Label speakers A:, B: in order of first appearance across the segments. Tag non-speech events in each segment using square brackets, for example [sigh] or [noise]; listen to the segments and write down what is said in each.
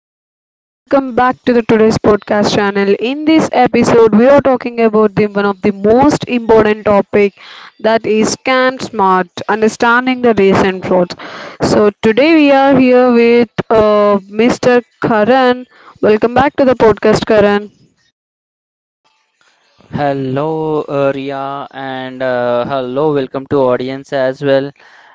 A: everyone, welcome back to the today's podcast channel. In this episode, we are talking about the one of the most important topic that is scam smart, understanding the recent frauds. So today we are here with Mr. Karan. Welcome back to the podcast, Karan.
B: Hello, Ria, and hello, welcome to audience as well.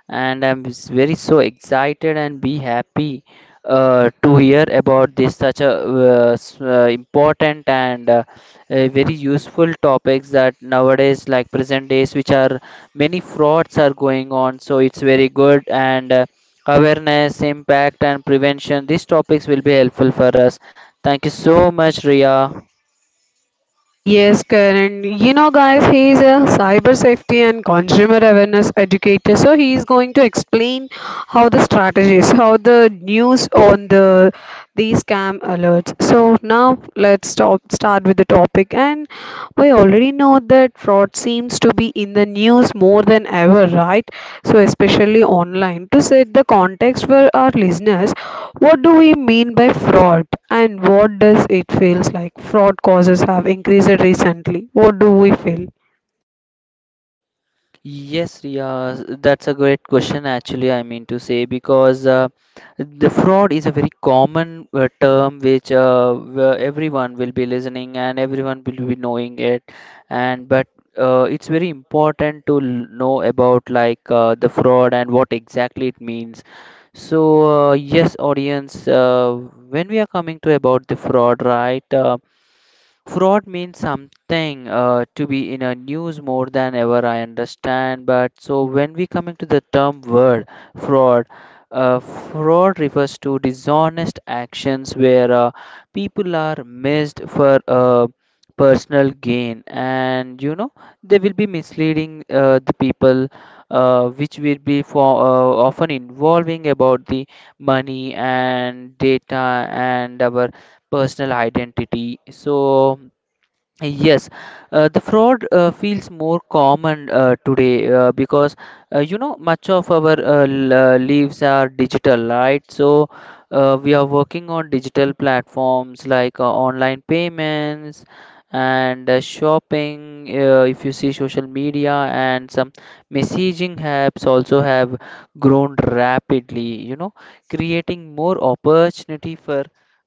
B: And very so excited and be happy to hear about this such a important and a very useful topics that nowadays, like present days, which are many frauds are going on. So it's very good and awareness, impact, and prevention. These topics will be helpful for us. Thank you so much, Ria.
A: Yes, Karan. You know, guys, he is a cyber safety and consumer awareness educator. So he is going to explain how the strategies, how the news on the these scam alerts. So now let's start with the topic, and we already know that fraud seems to be in the news more than ever, right? So, especially online. To set the context for our listeners, what do we mean by fraud and what does it feels like? Fraud causes have increased recently. What do we feel?
B: Yes, Riya, that's a great question actually, I mean to say, because the fraud is a very common term which where everyone will be listening and everyone will be knowing it. And But it's very important to know about like the fraud and what exactly it means. So, yes, audience, when we are coming to about the fraud, right? Fraud means something to be in a news more than ever, I understand. But so when we coming to the term word fraud, fraud refers to dishonest actions where people are missed for personal gain, and you know they will be misleading the people, which will be for often involving about the money and data and our personal identity. So yes, the fraud feels more common today because you know much of our lives are digital, right? So we are working on digital platforms like online payments and shopping. If you see social media and some messaging apps also have grown rapidly, you know, creating more opportunity for.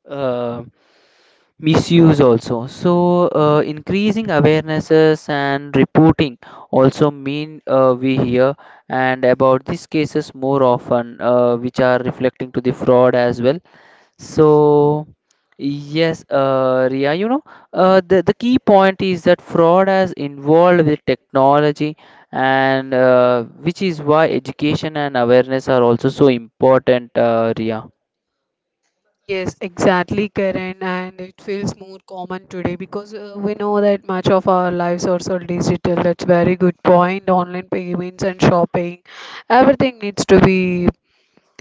B: Uh, Misuse also, so increasing awarenesses and reporting also mean we hear and about these cases more often which are reflecting to the fraud as well. So yes, Ria, you know, the key point is that fraud has involved with technology and which is why education and awareness are also so important, Ria.
A: Yes, exactly, Karen, and it feels more common today because we know that much of our lives are so digital. That's very good point. Online payments and shopping, everything needs to be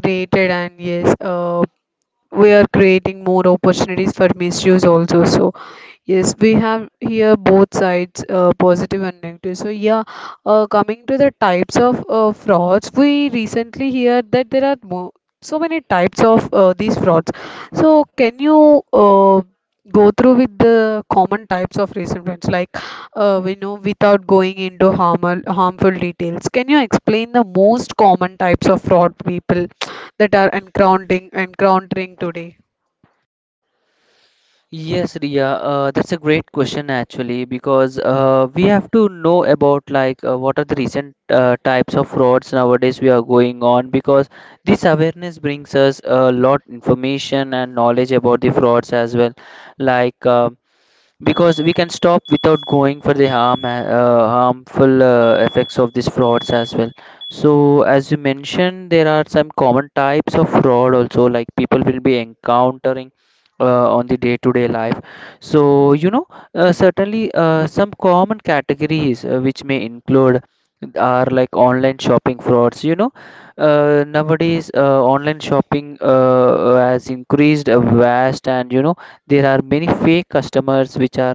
A: created, and yes, we are creating more opportunities for misuse also so yes we have here both sides, positive and negative so yeah, coming to the types of frauds we recently hear that there are so many types of these frauds so can you go through with the common types of recent frauds like we know without going into harmful details. Can you explain the most common types of fraud people that are encountering today.
B: Yes, Riya, that's a great question actually, because we have to know about like what are the recent types of frauds nowadays we are going on, because this awareness brings us a lot information and knowledge about the frauds as well. Like because we can stop without going for the harmful effects of these frauds as well. So as you mentioned, there are some common types of fraud also like people will be encountering on the day to day life. So you know, certainly some common categories which may include are like online shopping frauds, you know, nowadays online shopping has increased vast, and you know there are many fake customers which are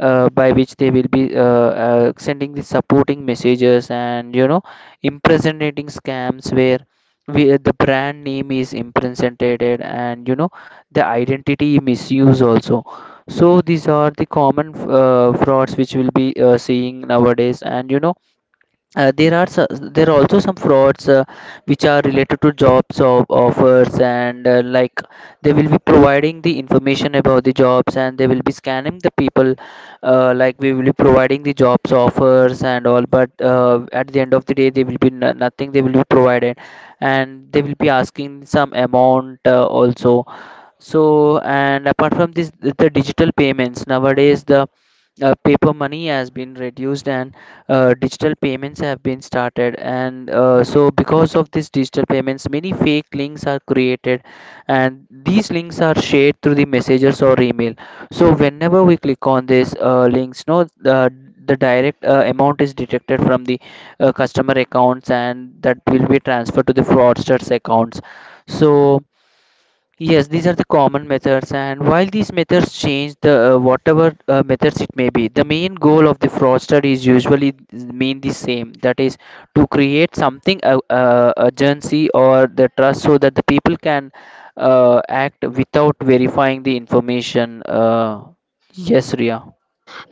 B: by which they will be sending the supporting messages, and you know impersonating scams where the brand name is impersonated, and you know the identity misuse also. So these are the common frauds which will be seeing nowadays, and you know uh, there are so- there are also some frauds which are related to jobs of offers and like they will be providing the information about the jobs and they will be scamming the people. Like we will be providing the jobs offers and all, but at the end of the day they will be nothing they will be provided, and they will be asking some amount also. So, and apart from this, the digital payments nowadays, the paper money has been reduced and digital payments have been started, and so because of these digital payments many fake links are created, and these links are shared through the messengers or email. So whenever we click on these links, no, the direct amount is detected from the customer accounts and that will be transferred to the fraudsters accounts. So yes, these are the common methods, and while these methods change, the whatever methods it may be, the main goal of the fraudster is usually mean the same. That is to create something urgency or the trust, so that the people can act without verifying the information. Yes, Ria.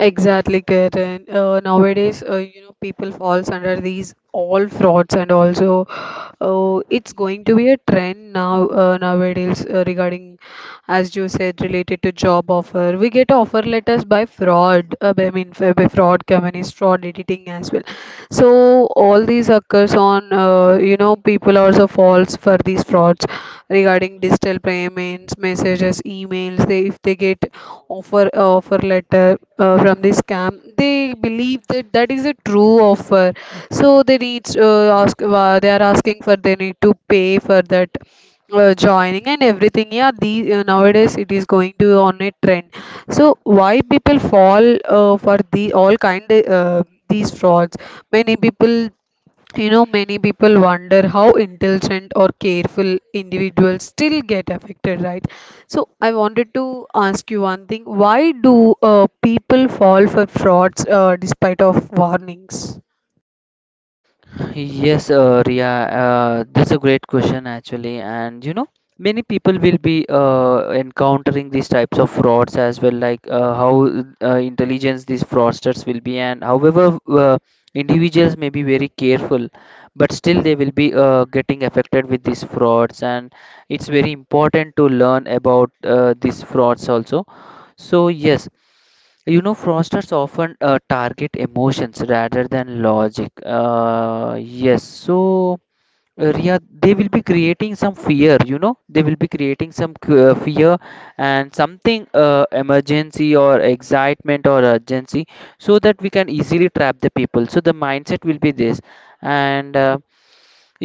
A: Exactly, Kiran. Nowadays, you know, people falls under these all frauds, and also it's going to be a trend now nowadays regarding, as you said, related to job offer. We get offer letters by fraud. I mean, by fraud companies, fraud editing as well. So all these occurs on, you know, people also falls for these frauds. Regarding digital payments, messages, emails. They if they get offer letter from the scam, they believe that that is a true offer. So they need ask they are asking for they need to pay for that joining and everything. Yeah, the nowadays it is going to on a trend so why people fall for the all kind these frauds. Many people You know, many people wonder how intelligent or careful individuals still get affected, right? So, I wanted to ask you one thing. Why do people fall for frauds despite of warnings?
B: Yes, Riya, that's a great question actually, and you know, many people will be encountering these types of frauds as well, like how intelligence these fraudsters will be, and however, individuals may be very careful, but still they will be getting affected with these frauds, and it's very important to learn about these frauds also. So yes, you know, fraudsters often target emotions rather than logic. Yes, so Riya, they will be creating some fear, you know, they will be creating some fear and something emergency or excitement or urgency so that we can easily trap the people. So the mindset will be this. And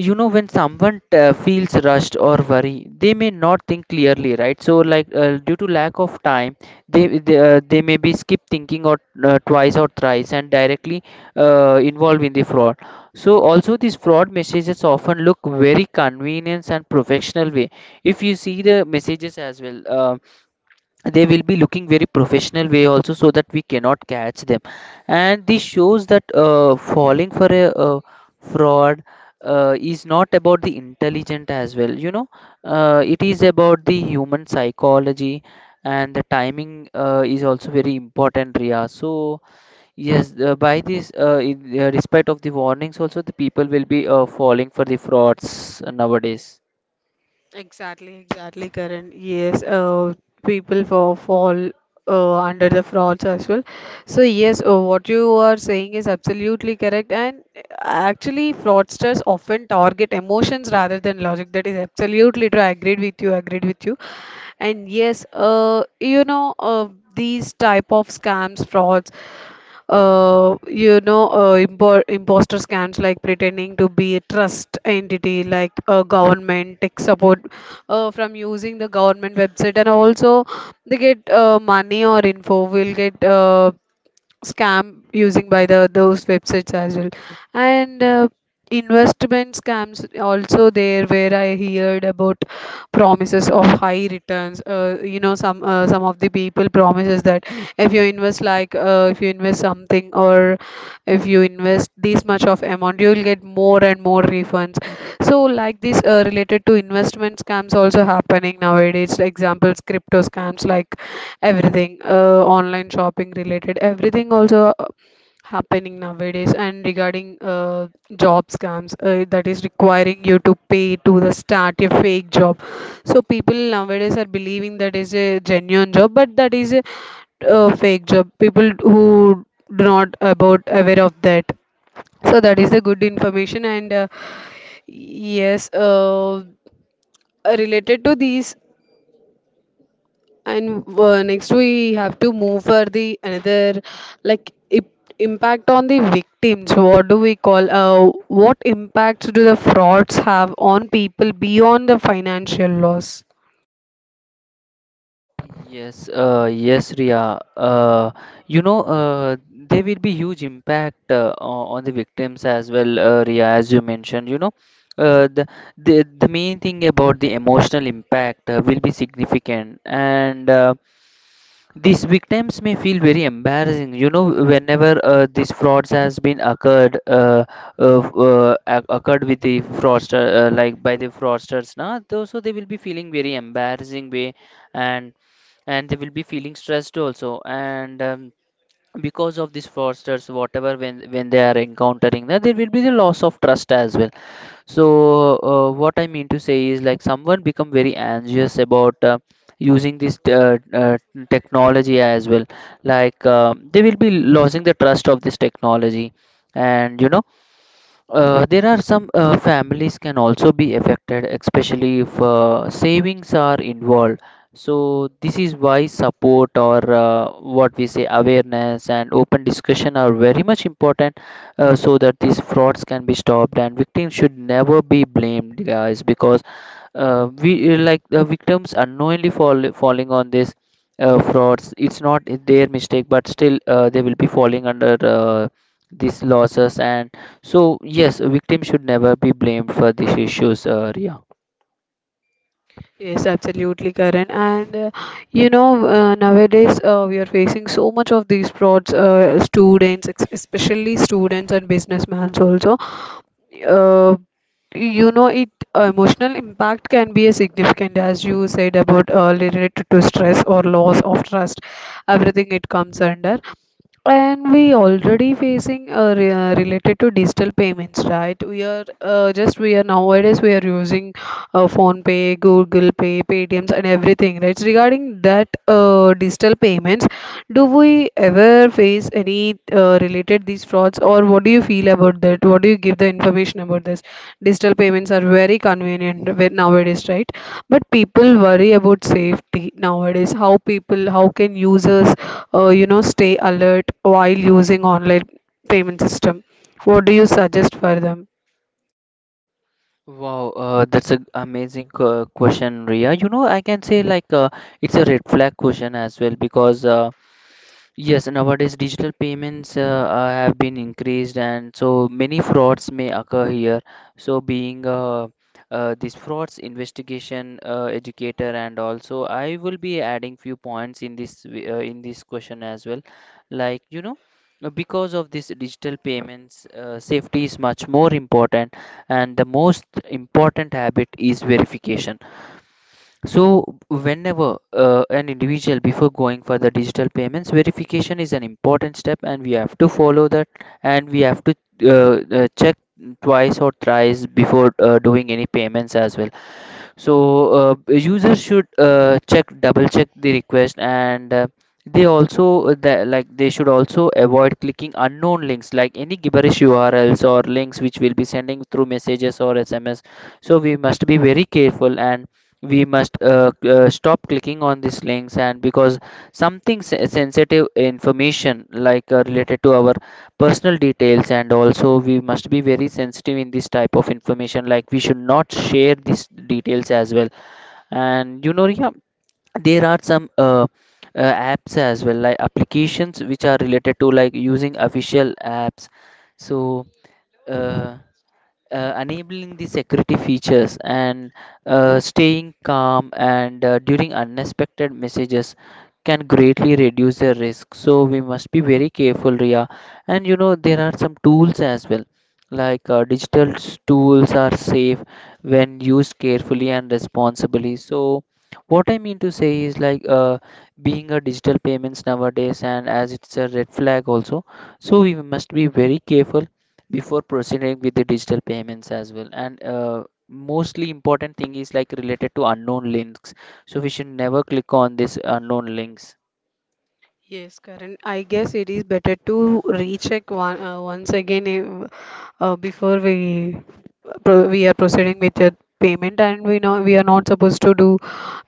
B: you know, when someone feels rushed or worry, they may not think clearly, right? So like due to lack of time they may be skip thinking or twice or thrice and directly involved in the fraud. So also these fraud messages often look very convenient and professional way. If you see the messages as well, they will be looking very professional way also, so that we cannot catch them. And this shows that falling for a fraud is not about the intelligent as well, you know, it is about the human psychology, and the timing is also very important, Ria. So yes, by this in respect of the warnings also, the people will be falling for the frauds nowadays.
A: Exactly, exactly, Karan. Yes, people fall under the frauds as well. So, yes, what you are saying is absolutely correct. And actually, fraudsters often target emotions rather than logic. That is absolutely true. I agreed with you. And yes, these type of scams, frauds, you know, imposter scams like pretending to be a trust entity like a government, tech support from using the government website, and also they get money or info will get scam using by the those websites as well. And investment scams also there where I heard about promises of high returns. You know, some of the people promises that if you invest if you invest something or if you invest this much of amount you will get more and more refunds. So like this related to investment scams also happening nowadays like examples crypto scams like everything, online shopping related everything also happening nowadays. And regarding job scams, that is requiring you to pay to the start a fake job. So people nowadays are believing that is a genuine job but that is a fake job. People who do not about aware of that. So that is the good information. And yes, related to these, and next we have to move for the another like impact on the victims. What do we call what impacts do the frauds have on people beyond the financial loss?
B: Yes, Ria, you know, there will be huge impact on the victims as well, Riya, as you mentioned. You know, uh, the, the main thing about the emotional impact will be significant, and these victims may feel very embarrassing. You know, whenever these frauds has been occurred, occurred with the fraudster, like by the fraudsters, now, so they will be feeling very embarrassing way, and they will be feeling stressed also, and because of these fraudsters, whatever, when they are encountering, that there will be the loss of trust as well. So what I mean to say is like someone become very anxious about using this technology as well, like they will be losing the trust of this technology. And you know, there are some families can also be affected, especially if savings are involved. So this is why support or what we say awareness and open discussion are very much important, so that these frauds can be stopped and victims should never be blamed, guys, because we like the victims unknowingly falling on this frauds. It's not their mistake, but still they will be falling under these losses. And so, yes, victims should never be blamed for these issues, Ria.
A: Yes, absolutely, Karan. And you know, nowadays we are facing so much of these frauds, students, especially students and businessmen also. Uh, you know, it emotional impact can be a significant, as you said about related to stress or loss of trust, everything it comes under. And we already facing related to digital payments, right? We are just we are Nowadays we are using phone pay, Google Pay, Paytms, and everything, right? So regarding that digital payments, do we ever face any related these frauds, or what do you feel about that? What do you give the information about this? Digital payments are very convenient nowadays, right? But people worry about safety nowadays. How can users, you know, stay alert while using online payment system? What do you suggest for them?
B: Wow, that's an amazing question, Ria. You know, I can say like it's a red flag question as well, because yes, nowadays digital payments have been increased, and so many frauds may occur here. So, being this frauds investigation educator, and also I will be adding few points in this in this question as well. Like you know, because of this digital payments, safety is much more important, and the most important habit is verification. So, whenever an individual before going for the digital payments, verification is an important step, and we have to follow that, and we have to check twice or thrice before doing any payments as well. So users should check double check the request and they also that like they should also avoid clicking unknown links like any gibberish urls or links which will be sending through messages or sms. So we must be very careful and we must stop clicking on these links, and because sensitive information like related to our personal details, and also we must be very sensitive in this type of information like we should not share these details as well. And yeah, there are some apps as well like applications which are related to like using official apps. So uh, enabling the security features, and staying calm and during unexpected messages can greatly reduce the risk. So we must be very careful, Ria. And you know there are some tools as well, like tools are safe when used carefully and responsibly. So what I mean to say is like being a digital payments nowadays and as it's a red flag also, so we must be very careful before proceeding with the digital payments as well. And mostly important thing is like related to unknown links, so we should never click on this unknown links.
A: Yes, Karan. I guess it is better to recheck one once again if, before we are proceeding with the payment, and we know we are not supposed to do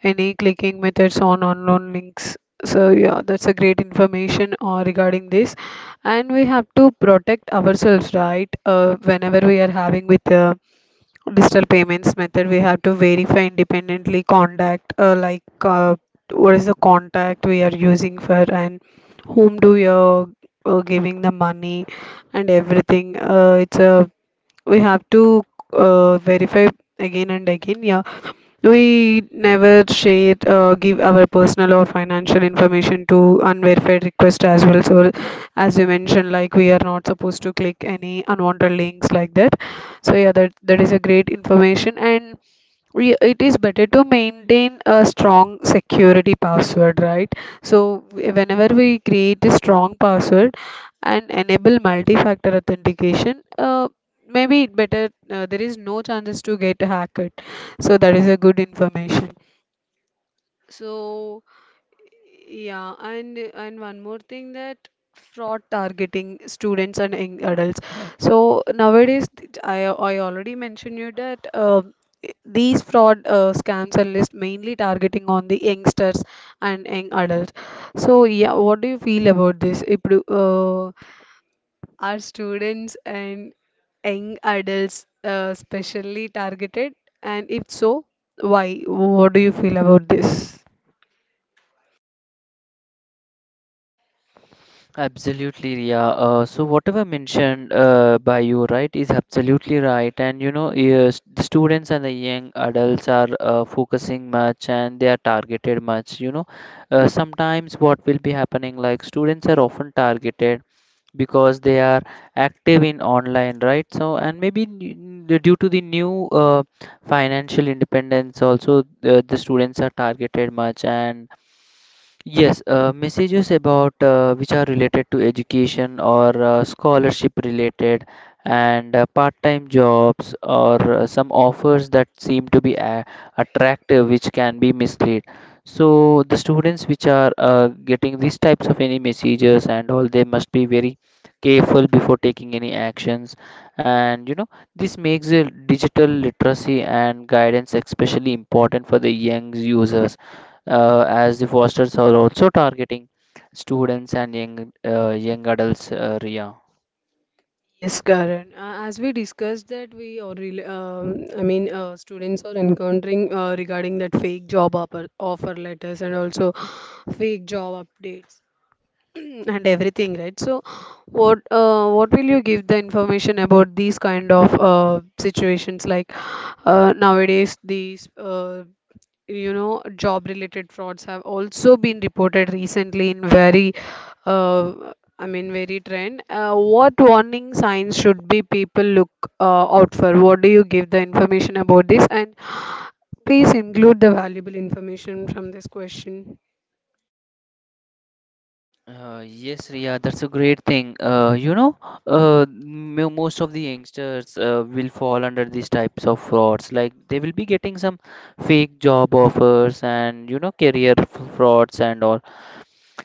A: any clicking methods on unknown links. So yeah, that's a great information regarding this, and we have to protect ourselves, right? Whenever we are having with digital payments method we have to verify independently contact what is the contact we are using for and whom do you are giving the money and everything. It's a We have to verify again and again. Yeah, we never share, give our personal or financial information to unverified requests as well. So, as you mentioned, like we are not supposed to click any unwanted links like that. So, yeah, that that is a great information. And it is better to maintain a strong security password, right? So whenever we create a strong password and enable multi-factor authentication, maybe it better, there is no chances to get hacked. So that is a good information. So yeah, and one more thing that fraud targeting students and young adults. So nowadays, th- I already mentioned you that i- these fraud scams are list mainly targeting on the youngsters and young adults. So yeah, what do you feel about this? If uh, are students and young adults specially targeted, and if so, why? What do you feel about this?
B: Absolutely, Ria. So whatever mentioned by you right is absolutely right. And you know yes, the students and the young adults are focusing much and they are targeted much, you know. Sometimes what will be happening like students are often targeted because they are active in online, right? So, and maybe due to the new financial independence, also the students are targeted much. And yes, messages about which are related to education or scholarship related, and part-time jobs or some offers that seem to be attractive, which can be mislead. So the students which are getting these types of any messages and all, they must be very careful before taking any actions. And you know, this makes the digital literacy and guidance especially important for the young users, as the fosters are also targeting students and young young adults, Ria.
A: Yes, Karan. As we discussed that I mean students are encountering regarding that fake offer letters and also fake job updates [clears throat] and everything, right? So, what will you give the information about these kind of situations like nowadays these you know job related frauds have also been reported recently in very uh, I mean, very trend. What warning signs should be people look out for? What do you give the information about this? And please include the valuable information from this question.
B: Yes, Ria, that's a great thing. You know, most of the youngsters will fall under these types of frauds. Like they will be getting some fake job offers, and you know, frauds and all.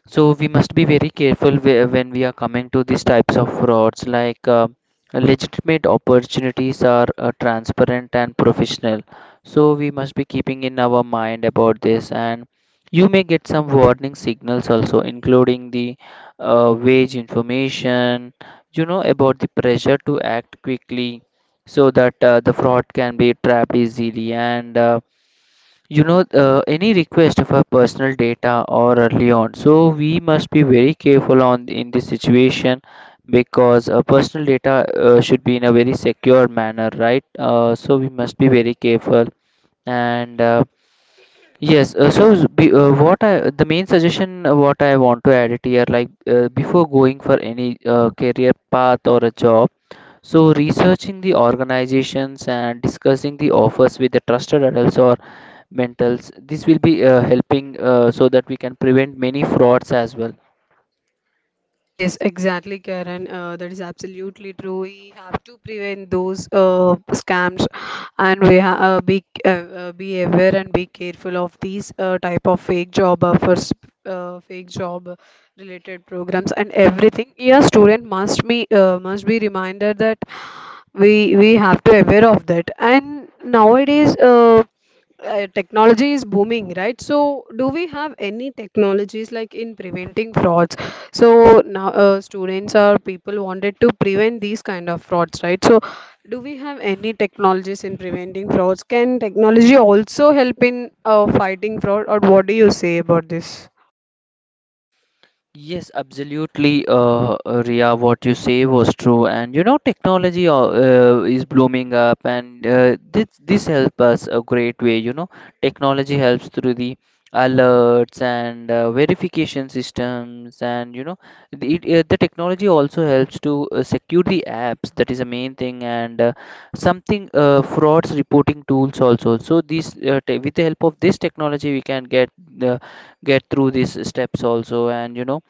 B: So we must be very careful when we are coming to these types of frauds. Like legitimate opportunities are transparent and professional. So we must be keeping in our mind about this. And you may get some warning signals also, including the wage information. You know, about the pressure to act quickly, so that the fraud can be trapped easily. And you know, any request of our personal data or early on. So we must be very careful on in this situation because personal data should be in a very secure manner, right? So we must be very careful. And yes, so what I the main suggestion what I want to add it here, like before going for any career path or a job, so, researching the organizations and discussing the offers with the trusted adults or mentals, this will be helping so that we can prevent many frauds as well.
A: Yes, exactly, Karen. That is absolutely true. We have to prevent those scams, and we ha be aware and be careful of these type of fake job offers, fake job related programs, and everything. Yeah, student must be reminded that we have to aware of that. And nowadays, technology is booming, right? So, do we have any technologies like in preventing frauds? So now, students or people wanted to prevent these kind of frauds, right? So, do we have any technologies in preventing frauds? Can technology also help in fighting fraud, or what do you say about this?
B: Yes, absolutely, Ria. What you say was true, and you know, technology is blooming up, and this help us a great way. You know, technology helps through the alerts and verification systems, and you know, the technology also helps to secure the apps. That is the main thing, and something frauds reporting tools also. So these te with the help of this technology, we can get through these steps also, and you know.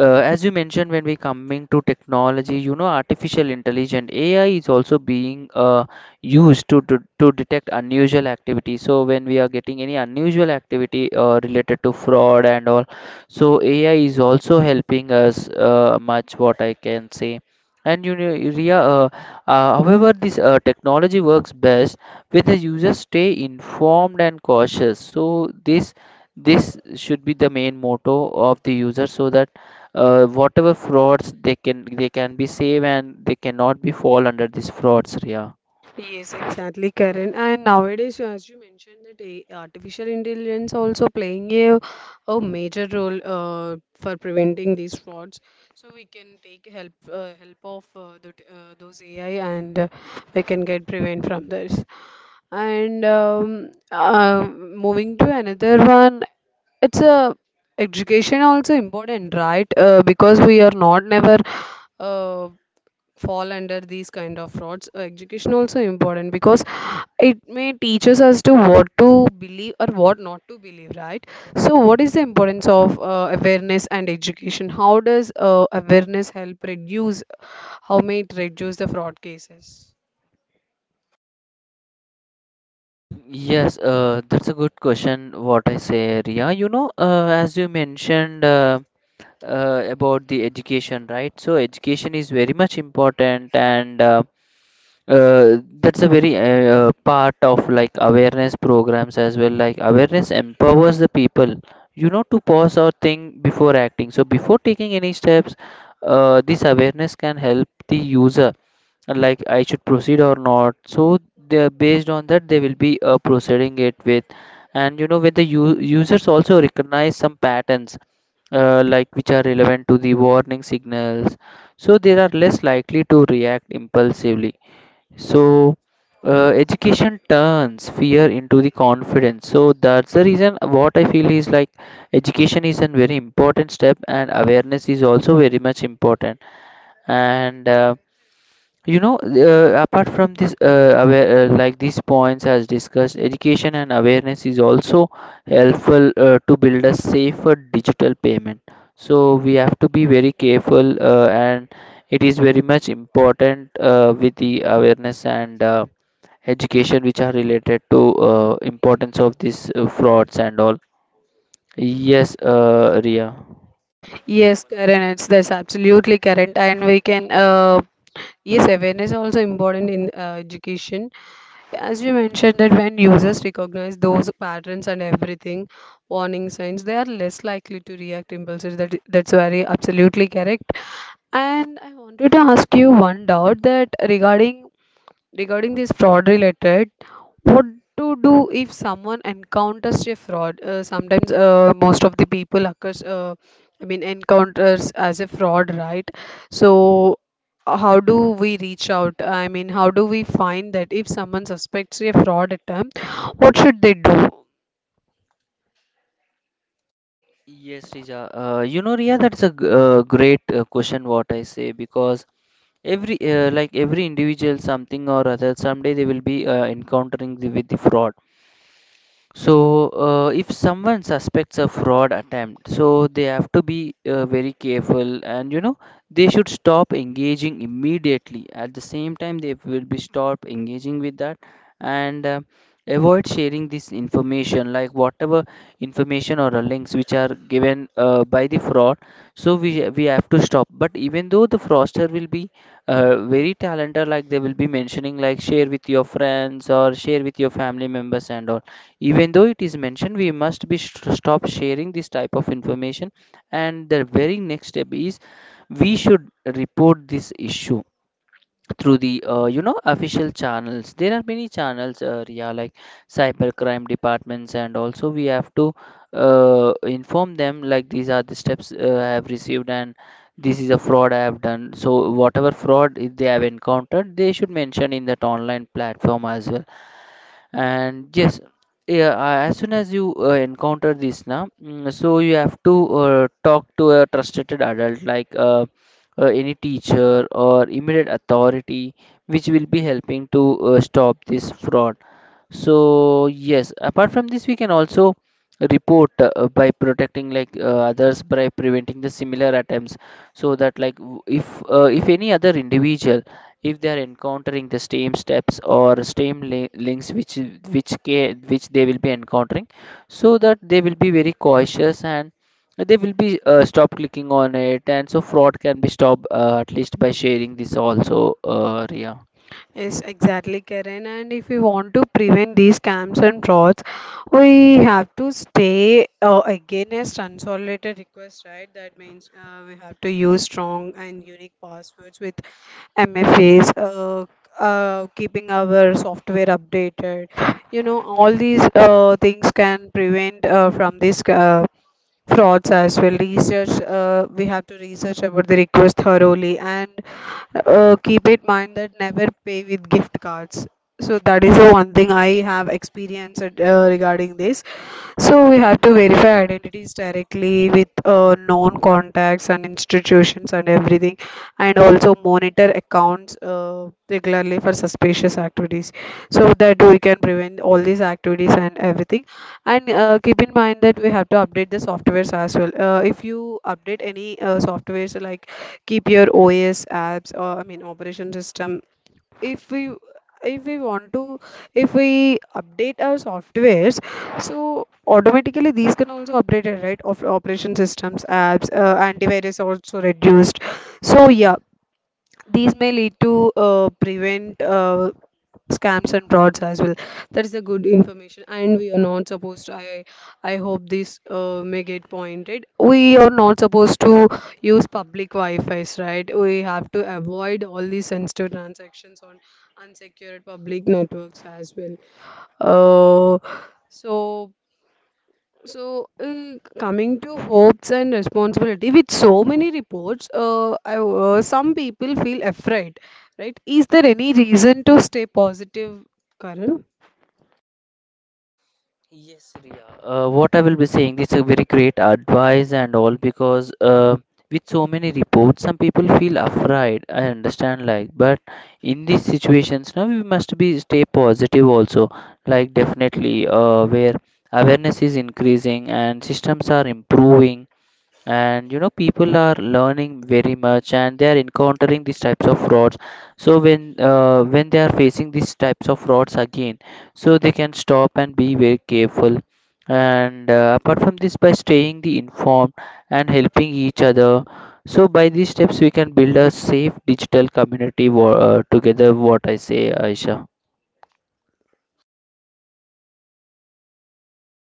B: As you mentioned, when we coming to technology, you know, artificial intelligence (AI) is also being used to detect unusual activity. So when we are getting any unusual activity related to fraud and all, so AI is also helping us much. What I can say, and you know, Ria, however, this technology works best with the users stay informed and cautious. So this should be the main motto of the user, so that whatever frauds they can be saved and they cannot be fall under these frauds, Ria.
A: Yes, exactly, Karen. And nowadays, as you mentioned, that artificial intelligence also playing a major role for preventing these frauds. So we can take help of those AI, and we can get prevent from this. And moving to another one, it's a education also important, right? Because we are not never. Uh, Fall under these kind of frauds. Education also important because it may teaches us to what to believe or what not to believe, right? So what is the importance of awareness and education? How does awareness help reduce, how may it reduce the fraud cases?
B: Yes, that's a good question, what I say, Ria. You know, as you mentioned, about the education, right? So education is very much important, and that's a very part of like awareness programs as well, like awareness empowers the people, you know, to pause or think before acting. So before taking any steps, this awareness can help the user, like I should proceed or not. So they based on that, they will be proceeding it with. And you know, when the users also recognize some patterns, like which are relevant to the warning signals, so they are less likely to react impulsively. So, education turns fear into the confidence. So that's the reason what I feel is like education is a very important step, and awareness is also very much important. And you know, apart from this, like these points as discussed, education and awareness is also helpful to build a safer digital payment. So we have to be very careful, and it is very much important with the awareness. And education which are related to importance of these frauds and all. Yes, Ria.
A: Yes, Karen, it's that's absolutely correct, and we can. Yes, awareness also important in education. As we mentioned that when users recognize those patterns and everything, warning signs, they are less likely to react impulsively. That that's very absolutely correct. And I wanted to ask you one doubt that regarding this fraud related what to do if someone encounters a fraud. Sometimes most of the people occurs I mean encounters as a fraud, right? So how do we reach out, I mean how do we find that if someone suspects a fraud attempt, what should they do?
B: Yes, Rija. You know, Ria, that's a great question, what I say, because every like every individual, something or other, someday they will be encountering with the fraud. So, if someone suspects a fraud attempt, so they have to be very careful. And you know, they should stop engaging immediately. At the same time, they will be stop engaging with that, and avoid sharing this information, like whatever information or the links which are given by the fraud. So we have to stop. But even though the fraudster will be very talented, like they will be mentioning, like share with your friends or share with your family members and all, even though it is mentioned, we must be stop sharing this type of information. And the very next step is we should report this issue through the you know official channels. There are many channels, Ria, like cyber crime departments, and also we have to inform them like these are the steps I have received, and this is a fraud I have done. So whatever fraud they have encountered, they should mention in that online platform as well. And yes, yeah, as soon as you encounter this now, so you have to talk to a trusted adult, like any teacher or immediate authority, which will be helping to stop this fraud. So yes, apart from this, we can also report by protecting like others by preventing the similar attempts, so that like if any other individual, if they are encountering the same steps or same links, which they will be encountering, so that they will be very cautious and they will be stop clicking on it, and so fraud can be stopped at least by sharing this also, Ria.
A: Yes, exactly, Karen. And if we want to prevent these scams and frauds, we have to stay against unsolicited requests, right? That means we have to use strong and unique passwords with MFAs, keeping our software updated. You know, all these things can prevent from this frauds as well. Research, we have to research about the request thoroughly, and keep in mind that never pay with gift cards. So that is the one thing I have experienced regarding this. So we have to verify identities directly with known contacts and institutions and everything, and also monitor accounts regularly for suspicious activities, so that we can prevent all these activities and everything. And keep in mind that we have to update the softwares as well. If you update any softwares like keep your OS apps or I mean operation system, if we if we want to if we update our softwares, so automatically these can also update it, right? Of operation systems, apps, antivirus also reduced. So yeah, these may lead to prevent scams and frauds as well. That is a good information, and we are not supposed to. I hope this may get pointed. We are not supposed to use public Wi-Fi's, right? We have to avoid all these sensitive transactions on unsecured public networks as well. Uh, so Coming to hopes and responsibility, with so many reports, some people feel afraid, right? Is there any reason to stay positive, Karan?
B: Yes, Riya. What I will be saying, this is a very great advice and all, because with so many reports, some people feel afraid. I understand, like, but in these situations, now we must be stay positive also. Like, definitely, where awareness is increasing and systems are improving, and you know, people are learning very much, and they are encountering these types of frauds. So when they are facing these types of frauds again, so they can stop and be very careful. And apart from this, by staying the informed and helping each other, so by these steps we can build a safe digital community together, what I say, Aisha.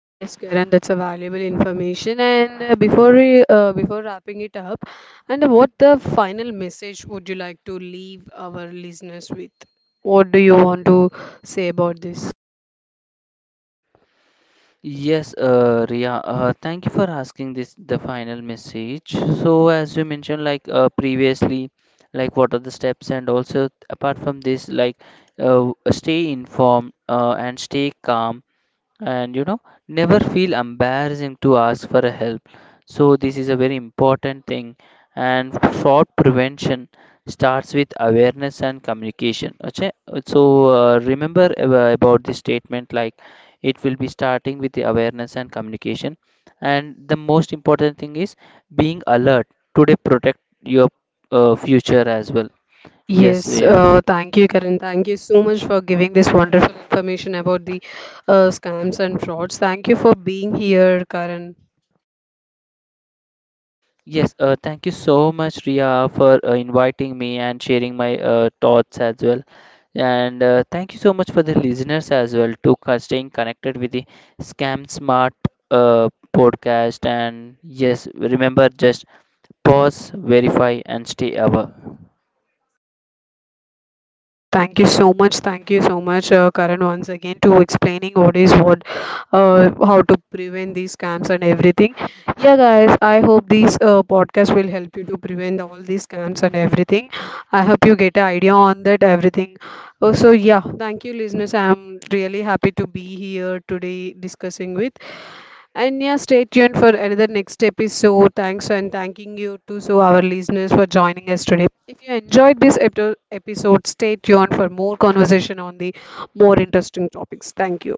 A: Yes, Karan, that's a valuable information. And before wrapping it up, and what the final message would you like to leave our listeners with? What do you want to say about this?
B: Yes, Ria, thank you for asking this the final message. So, as you mentioned, like previously, like what are the steps, and also apart from this, like stay informed and stay calm. And you know, never feel embarrassing to ask for a help. So this is a very important thing. And fraud prevention starts with awareness and communication, okay? So remember about this statement, like it will be starting with the awareness and communication. And the most important thing is being alert today, protect your future as well. Yes,
A: Yes,
B: yeah.
A: thank you, Karan. Thank you so much for giving this wonderful information about the scams and frauds. Thank you for being here, Karan.
B: Yes, thank you so much, Ria, for inviting me and sharing my thoughts as well. And thank you so much for the listeners as well to staying connected with the Scam Smart uh, podcast. And yes, remember just pause, verify, and stay aware.
A: Yes, thank you so much. Thank you so much, Karan, once again to explaining what is what, how to prevent these scams and everything. Yeah, guys, I hope these podcast will help you to prevent all these scams and everything. I hope you get an idea on that everything. Oh, so yeah, thank you, listeners. I'm really happy to be here today discussing with. And yeah, stay tuned for another next episode. Thanks and thanking you to so our listeners for joining us today. If you enjoyed this episode, stay tuned for more conversation on the more interesting topics. Thank you.